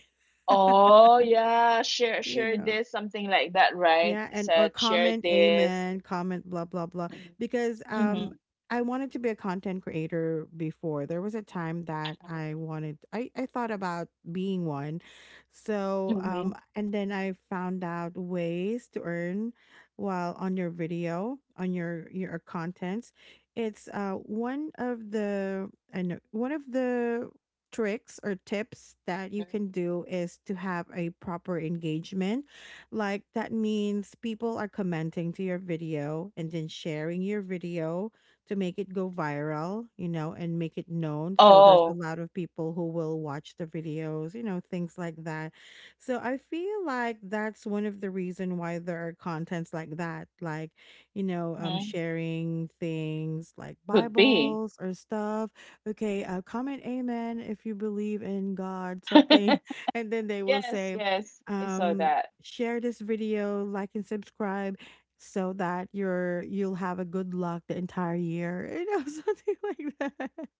Oh, yeah, share, you share know. this, something like that, right? Yeah, It and or said share comment this. amen, comment blah blah blah because Mm-hmm. I wanted to be a content creator before. There was a time that I wanted I thought about being one. So, Mm-hmm. and then I found out ways to earn while on your video, on your contents. It's one of the I know one of the tricks or tips that you can do is to have a proper engagement like that means people are commenting to your video and then sharing your video to make it go viral, you know, and make it known. So there's a Oh, lot of people who will watch the videos, you know, things like that. So I feel like that's one of the reason why there are contents like that, like, you know, mhm. sharing things like Could be. Bibles or stuff. Okay, comment amen if you believe in God, something. And then they will Yes, say, yes, I saw um that. share this video, like and subscribe so that you'll have a good luck the entire year. You know, something like that.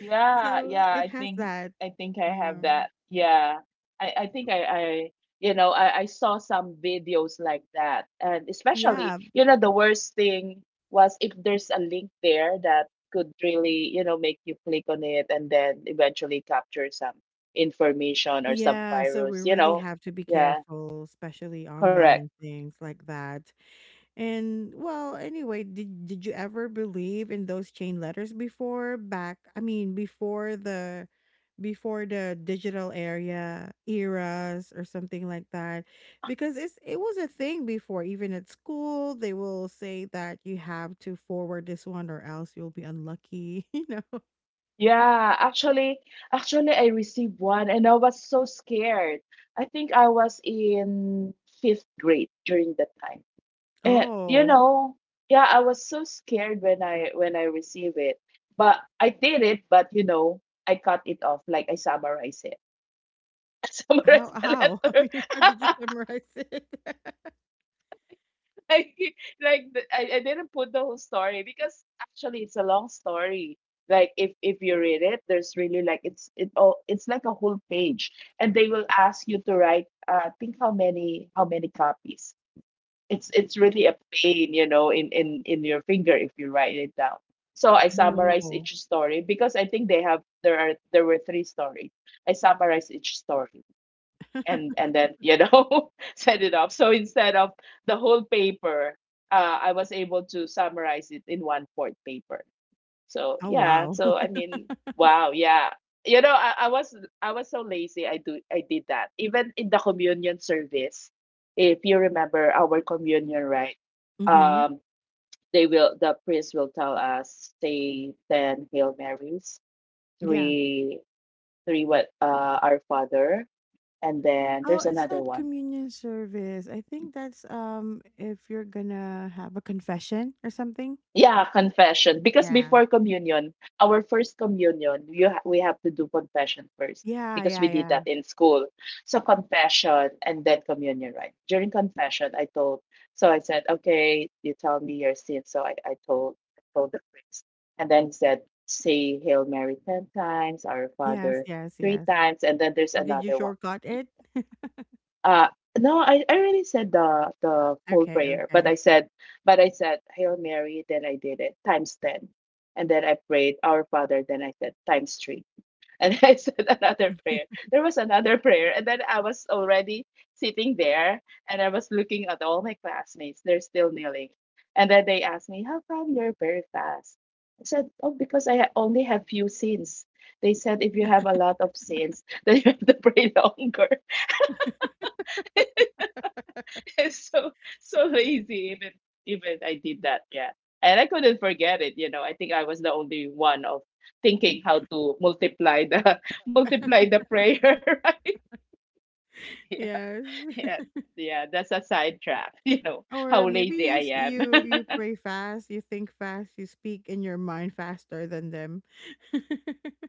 Yeah, So yeah, it I has think, that. I think I have Yeah. that. Yeah. I think I you know, I saw some videos like that. And especially, Yeah. you know, the worst thing was if there's a link there that could really, you know, make you click on it and then eventually capture some information or some Yeah. So we virus, you really know. have to be Yeah, careful, especially correct. online things like that. And well, anyway, did you ever believe in those chain letters before back I mean before the digital area eras or something like that because it was a thing before even at school they will say that you have to forward this one or else you'll be unlucky you know. Yeah, actually, actually, I received one and I was so scared. I think I was in fifth grade during that time. And you Oh, know, yeah, I was so scared when I received it. But I did it, but you know, I cut it off. Like I summarized it. I summarized the how I letter. mean how did you summarize it? Like, like I didn't put the whole story because actually it's a long story. Like if you read it, there's really like it's it all it's like a whole page, and they will ask you to write. Think how many, how many copies. It's really a pain, you know, in your finger if you write it down. So I summarize Oh. each story because I think they have there are there were three stories. I summarize each story and then, you know, set it off. So instead of the whole paper, I was able to summarize it in one fourth paper. So Oh yeah, wow. so I mean, wow, yeah. You know, I was, I was so lazy. I did that even in the communion service, if you remember our communion, right? Mhm. um they will, the priest will tell us, say 10 hail marys, Yeah. three, what, uh, our father, and then Oh, there's it's another not one. communion service. I think that's if you're gonna have a confession or something. Yeah, confession. Because Yeah. before communion, our first communion, we have to do confession first Yeah, because we yeah, did yeah. that in school. So confession and then communion, right? During confession, I told. So I said, "Okay, you tell me your sin." So I told the priest, and then he said, "Say Hail Mary ten times, Our Yes, Father yes, three yes. times, and then there's Did you another one." shortcut it? Uh, no, I really said the full Okay, prayer, but I okay. said, Hail Mary. Then I did it times ten, and then I prayed Our Father. Then I said times three, and I said another prayer. There was another prayer, and then I was already sitting there, and I was looking at all my classmates. They're still kneeling, and then they asked me, "How come you're very fast?" I said, "Oh, because only have few sins." They said, "If you have a lot of sins, then you have to pray longer." so so lazy. Even I did that. Yeah, and I couldn't forget it. You know, I think I was the only one of thinking how to multiply the multiply the prayer. Right? Yeah, Yes. yeah, yeah. That's a sidetrack. You know Or how maybe lazy you I am. you you pray fast, you think fast, you speak in your mind faster than them.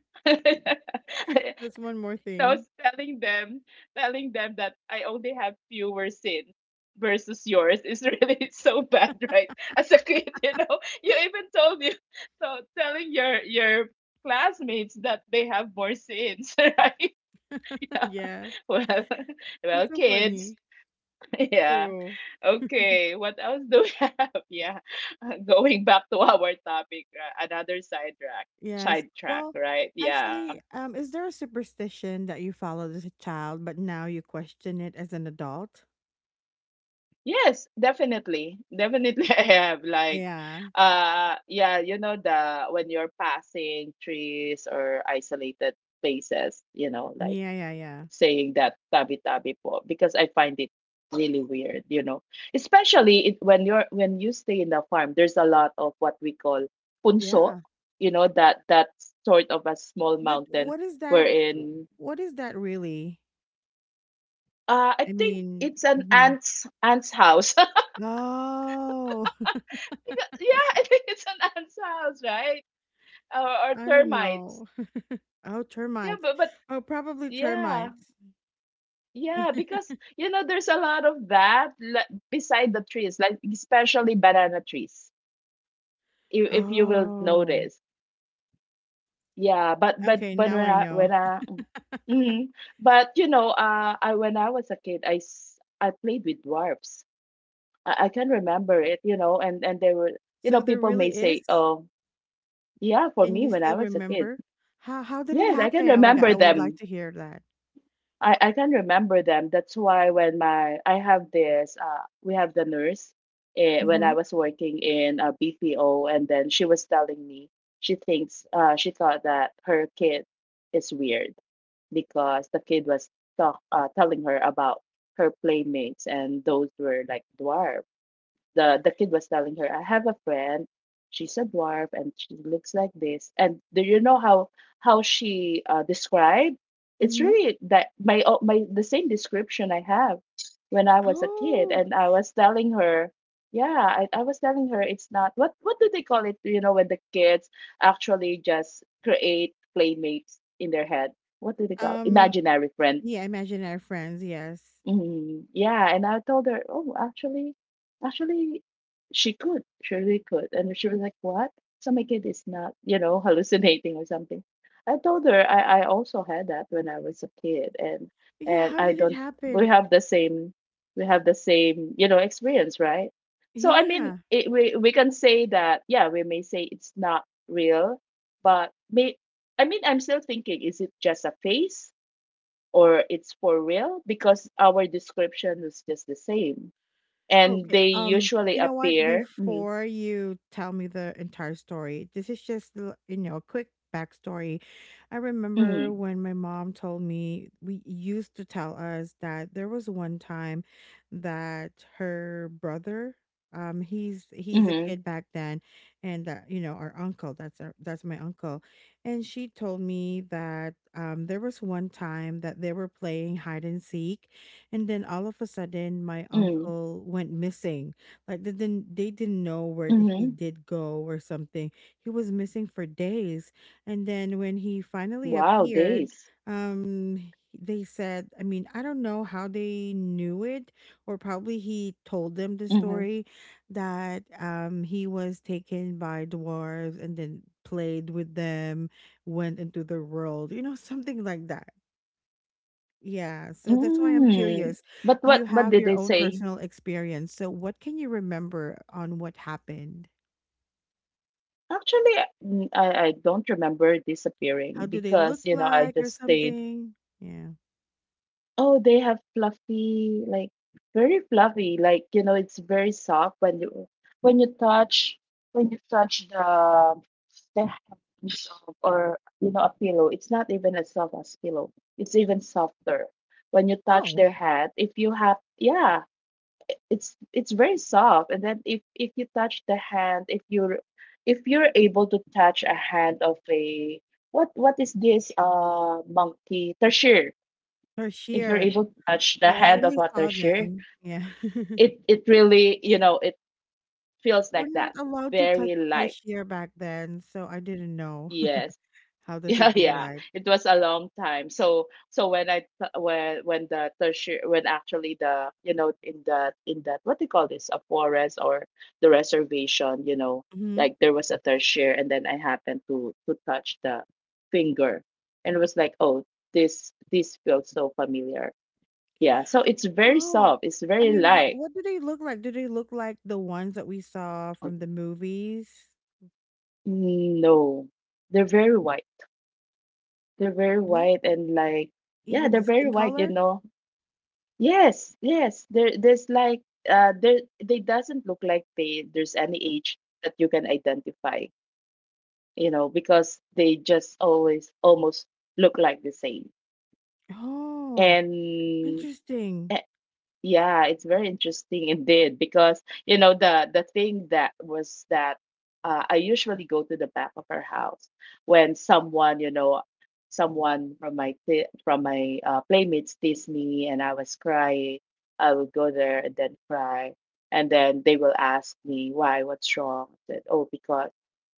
That's one more I was thing. telling them, that I only have fewer sins versus yours is really so bad, right? As a kid, you even told you, so telling your classmates that they have more sins, right? Yeah. Yeah. Well, It's well, so kids. funny. Yeah. True. Okay. What else do we have? Yeah. Going back to our topic, another side track, Yes. Well, right? Yeah. actually, is there a superstition that you followed as a child, but now you question it as an adult? Yes, definitely. Definitely I have like Yeah. Yeah, you know the when you're passing trees or isolated places, like Yeah, yeah, yeah. saying that tabi tabi po because I find it really weird. Especially when you stay in the farm, there's a lot of what we call punso, Yeah. that sort of a small But mountain what is that? w- wherein What is that really? I I think mean, it's an mhm. ant's house. Oh, Because yeah, I think it's an ants house, right? Or I don't termites. know. Oh, Yeah, termites. but Oh, probably yeah, termites. yeah, because there's a lot of that, like, beside the trees, like especially banana trees. If you will notice, Oh, yeah. But but okay. but Now when I I when know. I mm, when I was a kid, I played with dwarfs. I can remember it, and they were, So there people may really say, is? oh, yeah, for Can me you when I still was a kid, remember? How did it yes, I can happen? Oh my god, remember I would like them. to hear that. I can remember them. That's why when my I have this we have the nurse, when Mm-hmm. I was working in a BPO and then she was telling me she thought that her kid is weird because the kid was talk telling her about her playmates and those were like dwarf. The kid was telling her, "I have a friend, she's a dwarf and she looks like this." And do you know how she described? It's Mm-hmm. really that my oh, my the same description I have when I was a kid, Oh, and I was telling her. Yeah, I was telling her, it's not what do they call it? You know, when the kids actually just create playmates in their head. What do they call? um, Imaginary friend? yeah, imaginary friends, yes. Mhm. Yeah, and I told her, "Oh, actually she could. She really could." And she was like, "What? So my kid is not, you know, hallucinating or something." I told her I also had that when I was a kid, and Yeah, how I did it don't we happen? have the same experience, right? So I mean, Yeah. We can say that yeah, we may say it's not real, but may I mean, I'm still thinking, is it just a phase? Or it's for real because our description is just the same. And Okay. they usually You know what? appear. Mm. Before you tell me the entire story, this is just you know a quick backstory. I remember Mm. when my mom told me we used to tell us that there was one time that her brother, he's a kid Mm. back then, and that you know our uncle, that's our that's my uncle, and she told me that there was one time that they were playing hide and seek and then all of a sudden, my Mm. uncle went missing. Like they didn't know where Mm. he did go or something. He was missing for days. And then when he finally Wow, appeared, days. They said, I mean, I don't know how they knew it, or probably he told them the Mm. story that he was taken by dwarves and then played with them went into the world, you know, something like that. Yeah, so that's why I'm Mm. curious. But what You what have did your they own say? personal experience. So what can you remember on what happened? Actually, I don't remember How disappearing do they look because I like or just stayed. something? Yeah. Oh, they have fluffy, like very fluffy, like, it's very soft when you when you touch when you touch the hands of, or a pillow. It's not even as soft as pillow. It's even softer when you touch Oh, their head. If you have, yeah, it's very soft. And then if you touch the hand, if you're able to touch a hand of a what is this monkey? Tertiary. If you're tarsier. able to touch the Well, I hand of only saw Watershare, them. Yeah. it really, it feels We're like that. not allowed to touch Very light. tarsier back then, so I didn't know. Yes, How does it yeah, feel yeah. like? It was a long time. So when the tertiary, when actually the, in that, what do you call this, a forest or the reservation, Hmm. like, there was a tertiary and then I happened to touch the finger, and it was like, oh, this feels so familiar. Yeah, so it's very Oh, soft. It's I very mean, how, light. what do they look like? Do they look like the ones that we saw from the movies? Mm, no, they're very white. They're very What? white and like, yeah, Even they're the very skin white, you color? know. Yes, yes. There's like, there they doesn't look like they, there's any age that you can identify, because they just always almost look like the same. Oh. And Interesting. yeah, it's very interesting indeed because the thing that was that, I usually go to the back of her house when someone you know someone from from my, playmates teased me and I was crying. I would go there and then cry, and then they will ask me why, what's wrong? I said, oh, because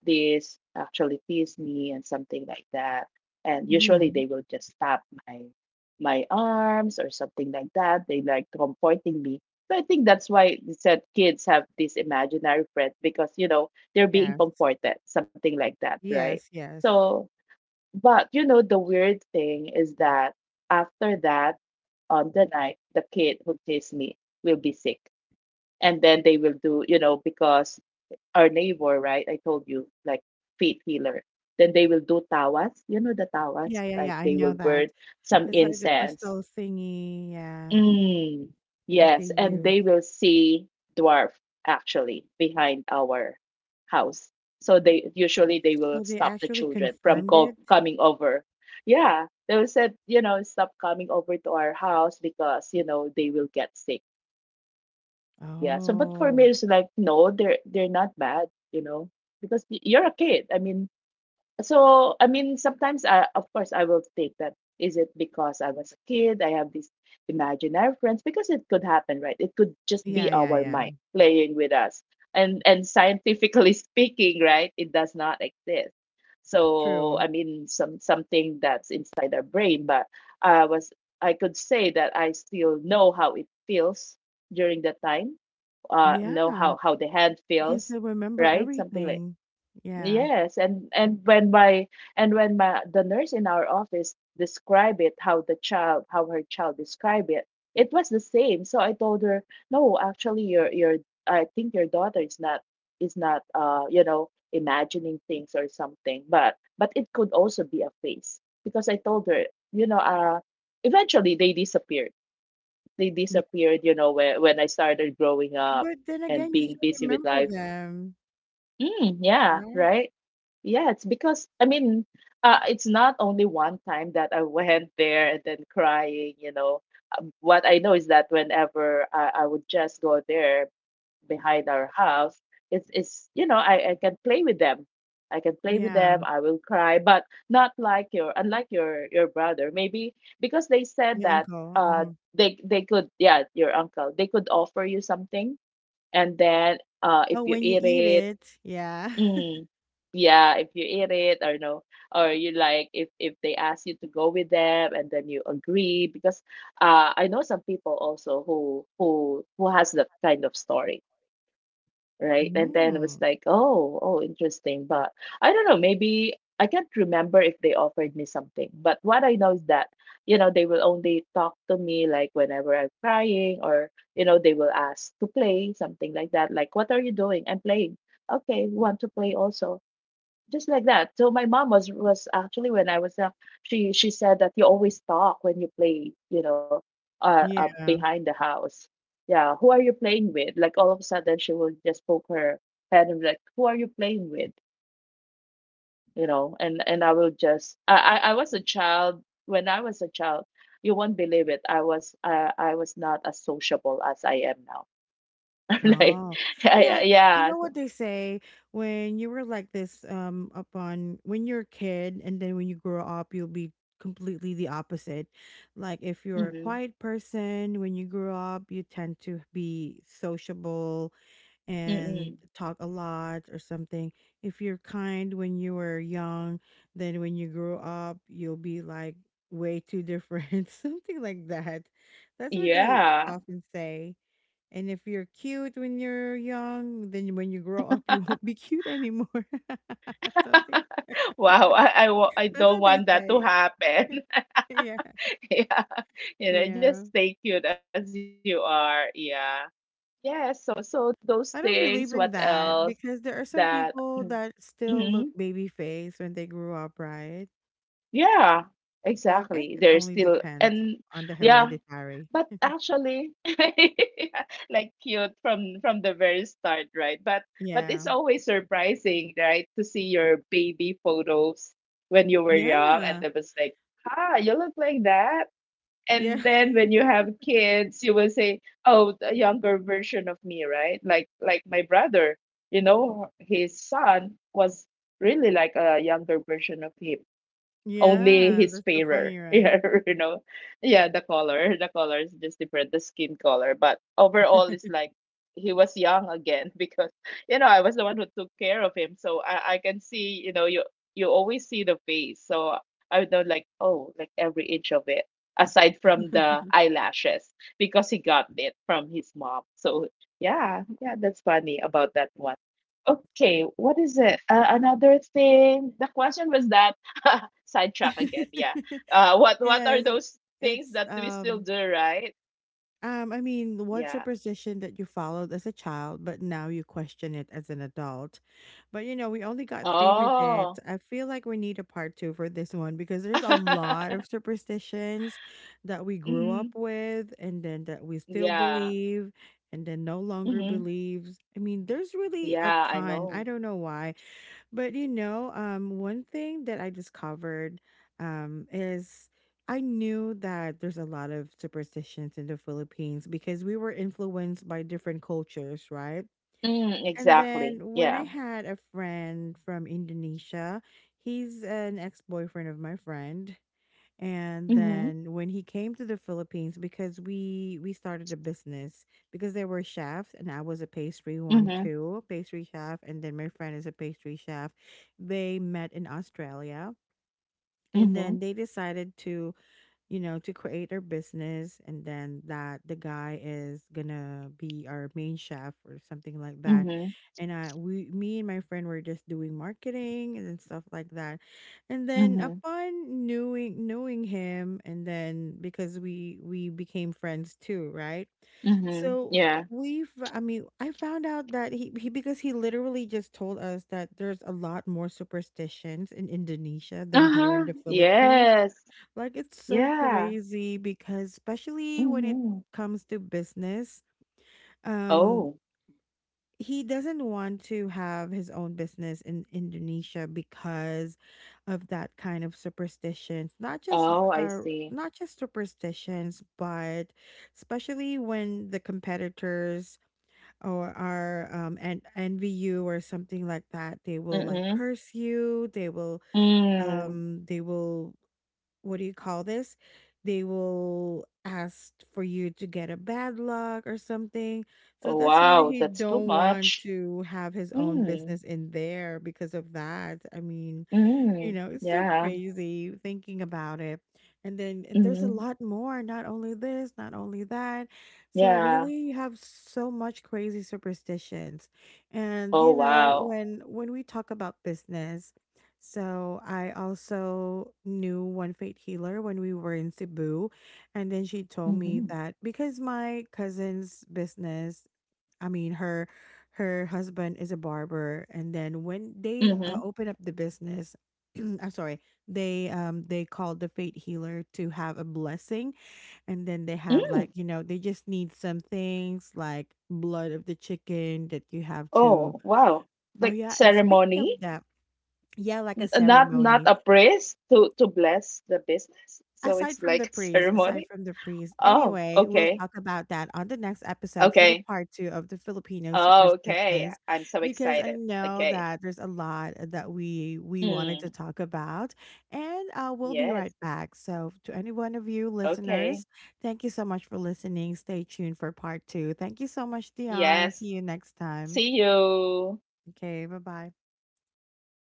this actually teased me and something like that. And usually they Mhm. will just stop my my arms or something like that. They like comforting me. So I think that's why they said kids have this imaginary friend because they're being Yes. comforted, something like that, right? Yes, yes. So, but the weird thing is that after that, on the night, the kid who chased me will be sick, and then they will do, because our neighbor, right? I told you, like, feet healer. Then they will do tawas, you know the tawas, Yeah, yeah, like yeah, I they know will that. burn some It's like the incense. crystal thingy, yeah, Mm, that yes, they and they use. will see dwarf actually behind our house. So they will So they stop the actually children from confirmed co it? coming over. Yeah, they will said, stop coming over to our house because, they will get sick. Yeah. So but for me Oh. it's like no, they're not bad, you know, because you're a kid. I mean, so I mean, sometimes of course I will take that. Is it because I was a kid I have these imaginary friends? Because it could happen, right? It could just Yeah, be yeah, our yeah. mind playing with us, and scientifically speaking, right, it does not exist. So True. I mean, something that's inside our brain. But i was I could say that I still know how it feels during that time. Know Yeah. How the hand You can feels, still remember right, something like. everything. Yeah. Yes, and and when my the nurse in our office described it, how her child described it, it was the same. So I told her, no, actually, your I think your daughter is not imagining things or something, but it could also be a face because I told her, you know, uh, eventually they disappeared. They Yeah. disappeared, when I started growing up But then and again, you being still busy with remember life. them, Mm, yeah, right? right. Yeah, it's because I mean, it's not only one time that I went there and then crying. What I know is that whenever I would just go there behind our house, it's I can play with them. I can play with Yeah. them. I will cry, but not like your unlike your brother. Maybe because they said My that, uncle. uh Hmm. they could, yeah, your uncle, they could offer you something and then, if Oh, you when you eat eat it. it. Yeah. Mm. Yeah, if you eat it or no, or you like if they ask you to go with them and then you agree because, I know some people also who who has that kind of story, right? And then it was Mm. like, oh, interesting, but I don't know, maybe I can't remember if they offered me something, but what I know is that, they will only talk to me, like, whenever I'm crying, or they will ask to play, something like that, like, what are you doing? I'm playing. Okay, want to play also, just like that. So my mom was, actually when I was young, she said that you always talk when you play, Yeah. behind the house. Yeah, who are you playing with? Like all of a sudden she will just poke her head and be like, who are you playing with? And I will just I was a child. When I was a child, you won't believe it, I was, I was not as sociable as I am now. like, No. I, I- Yeah, you yeah, know what so. they say when you were like this up on when you're a kid and then when you grow up you'll be completely the opposite. Like if you're a Mm-hmm. quiet person when you grow up you tend to be sociable and Mm-hmm. talk a lot or something. If you're kind when you were young, then when you grow up you'll be like way too different, something like that. That's what they Yeah. often say. And if you're cute when you're young, then when you grow up, you won't be cute anymore. Something Wow, I that's don't what they want that to say. happen. Yeah, Yeah, yeah. just stay cute as you are. Yeah. Yes. So those I don't things, believe in what that else? because there are some That people that still look Mm-hmm. baby face when they grew up, right? Yeah, So I guess exactly. it There's only still depends and on the Yeah, hereditary. but actually yeah, like cute from the very start, right? But it's Yeah, always surprising, right, to see your baby photos when you were young and yeah, it was like, ah, you look like that. yeah, And then when you have kids you will say, oh, the younger version of me, right, like my brother. His son was really like a younger version of him, only yeah. his That's so fairer, funny, right? yeah, you know yeah, the color is just different, the skin color, but overall it's like he was young again. Because I was the one who took care of him, so I can see, you always see the face, so I would know, like, oh, like every inch of it, aside from the eyelashes, because he got it from his mom. So yeah, yeah, that's funny about that one. Okay, what is it? Another thing. The question was that sidetrack again. Yeah. What are Yes, those things it's that we still do, right? I mean, what Yeah. superstition that you followed as a child, but now you question it as an adult. But you know, we only got 3 minutes. Oh. I feel like we need a part two for this one because there's a lot of superstitions that we grew up Mhm. with and then that we still Yeah. believe and then no longer Hmm. believes. I mean, there's really a Yeah, I ton. I know. don't know why. But you know, one thing that I discovered is I knew that there's a lot of superstitions in the Philippines because we were influenced by different cultures, right? Mm, And exactly. then when Yeah. I had a friend from Indonesia, he's an ex boyfriend of my friend. And Mm-hmm. then when he came to the Philippines, because we started a business because there were chefs and I was a pastry one Mm-hmm. too, pastry chef, and then my friend is a pastry chef. They met in Australia and then they decided to you know, to create our business and then that the guy is gonna be our main chef or something like that. Mm-hmm. And I we me and my friend were just doing marketing and stuff like that. And Mm-hmm. then Mm-hmm. upon knowing him and then because we became friends too, right? Hmm. So Yeah. we've I mean, I found out that he because he literally just told us that there's a lot more superstitions in Indonesia than here in Uh-huh. the Philippines. Yes. Like it's so Yeah. crazy because especially when it Mm-hmm. comes to business, um Oh. he doesn't want to have his own business in Indonesia because of that kind of superstitions. Not just Oh, I uh see. not just superstitions, but especially when the competitors or are and envy you or something like that, they will like Mm-hmm. curse you, Mm. They will what do you call this? They will ask for you to get a bad luck or something. So Oh, that's why wow, he that's too don't want much. to have his own Mm. business in there because of that. I mean, you Mm, know, it's so yeah. crazy thinking about it. And then and there's a Mhm. lot more, not only this, not only that. So Yeah. really you have so much crazy superstitions. And Oh, you know, wow. when we talk about business, so I also knew one fate healer when we were in Cebu, and then she told me Mhm. that because my cousin's business I mean, her husband is a barber, and then when they Mhm. open up the business, I'm sorry, they called the fate healer to have a blessing, and then they have Mm. like you know they just need some things like blood of the chicken that you have to. Oh, wow. Oh Like yeah, and speaking ceremony. of that, yeah, like a Not ceremony. a priest to bless the business. So Aside it's from like the a praise, aside ceremony. from the praise. Oh, Anyway, we'll okay. talk about that on the next episode for the Okay. part two of the Filipino Oh, okay. superstitions, I'm so because I excited. know Okay. that there's a lot that we wanted to Mm, talk about, and we'll be right yes. back. So, to any one of you Okay. listeners, thank you so much for listening. Stay tuned for part two. Thank you so much, Dion. Yes. See you next time. See you. Okay, bye bye.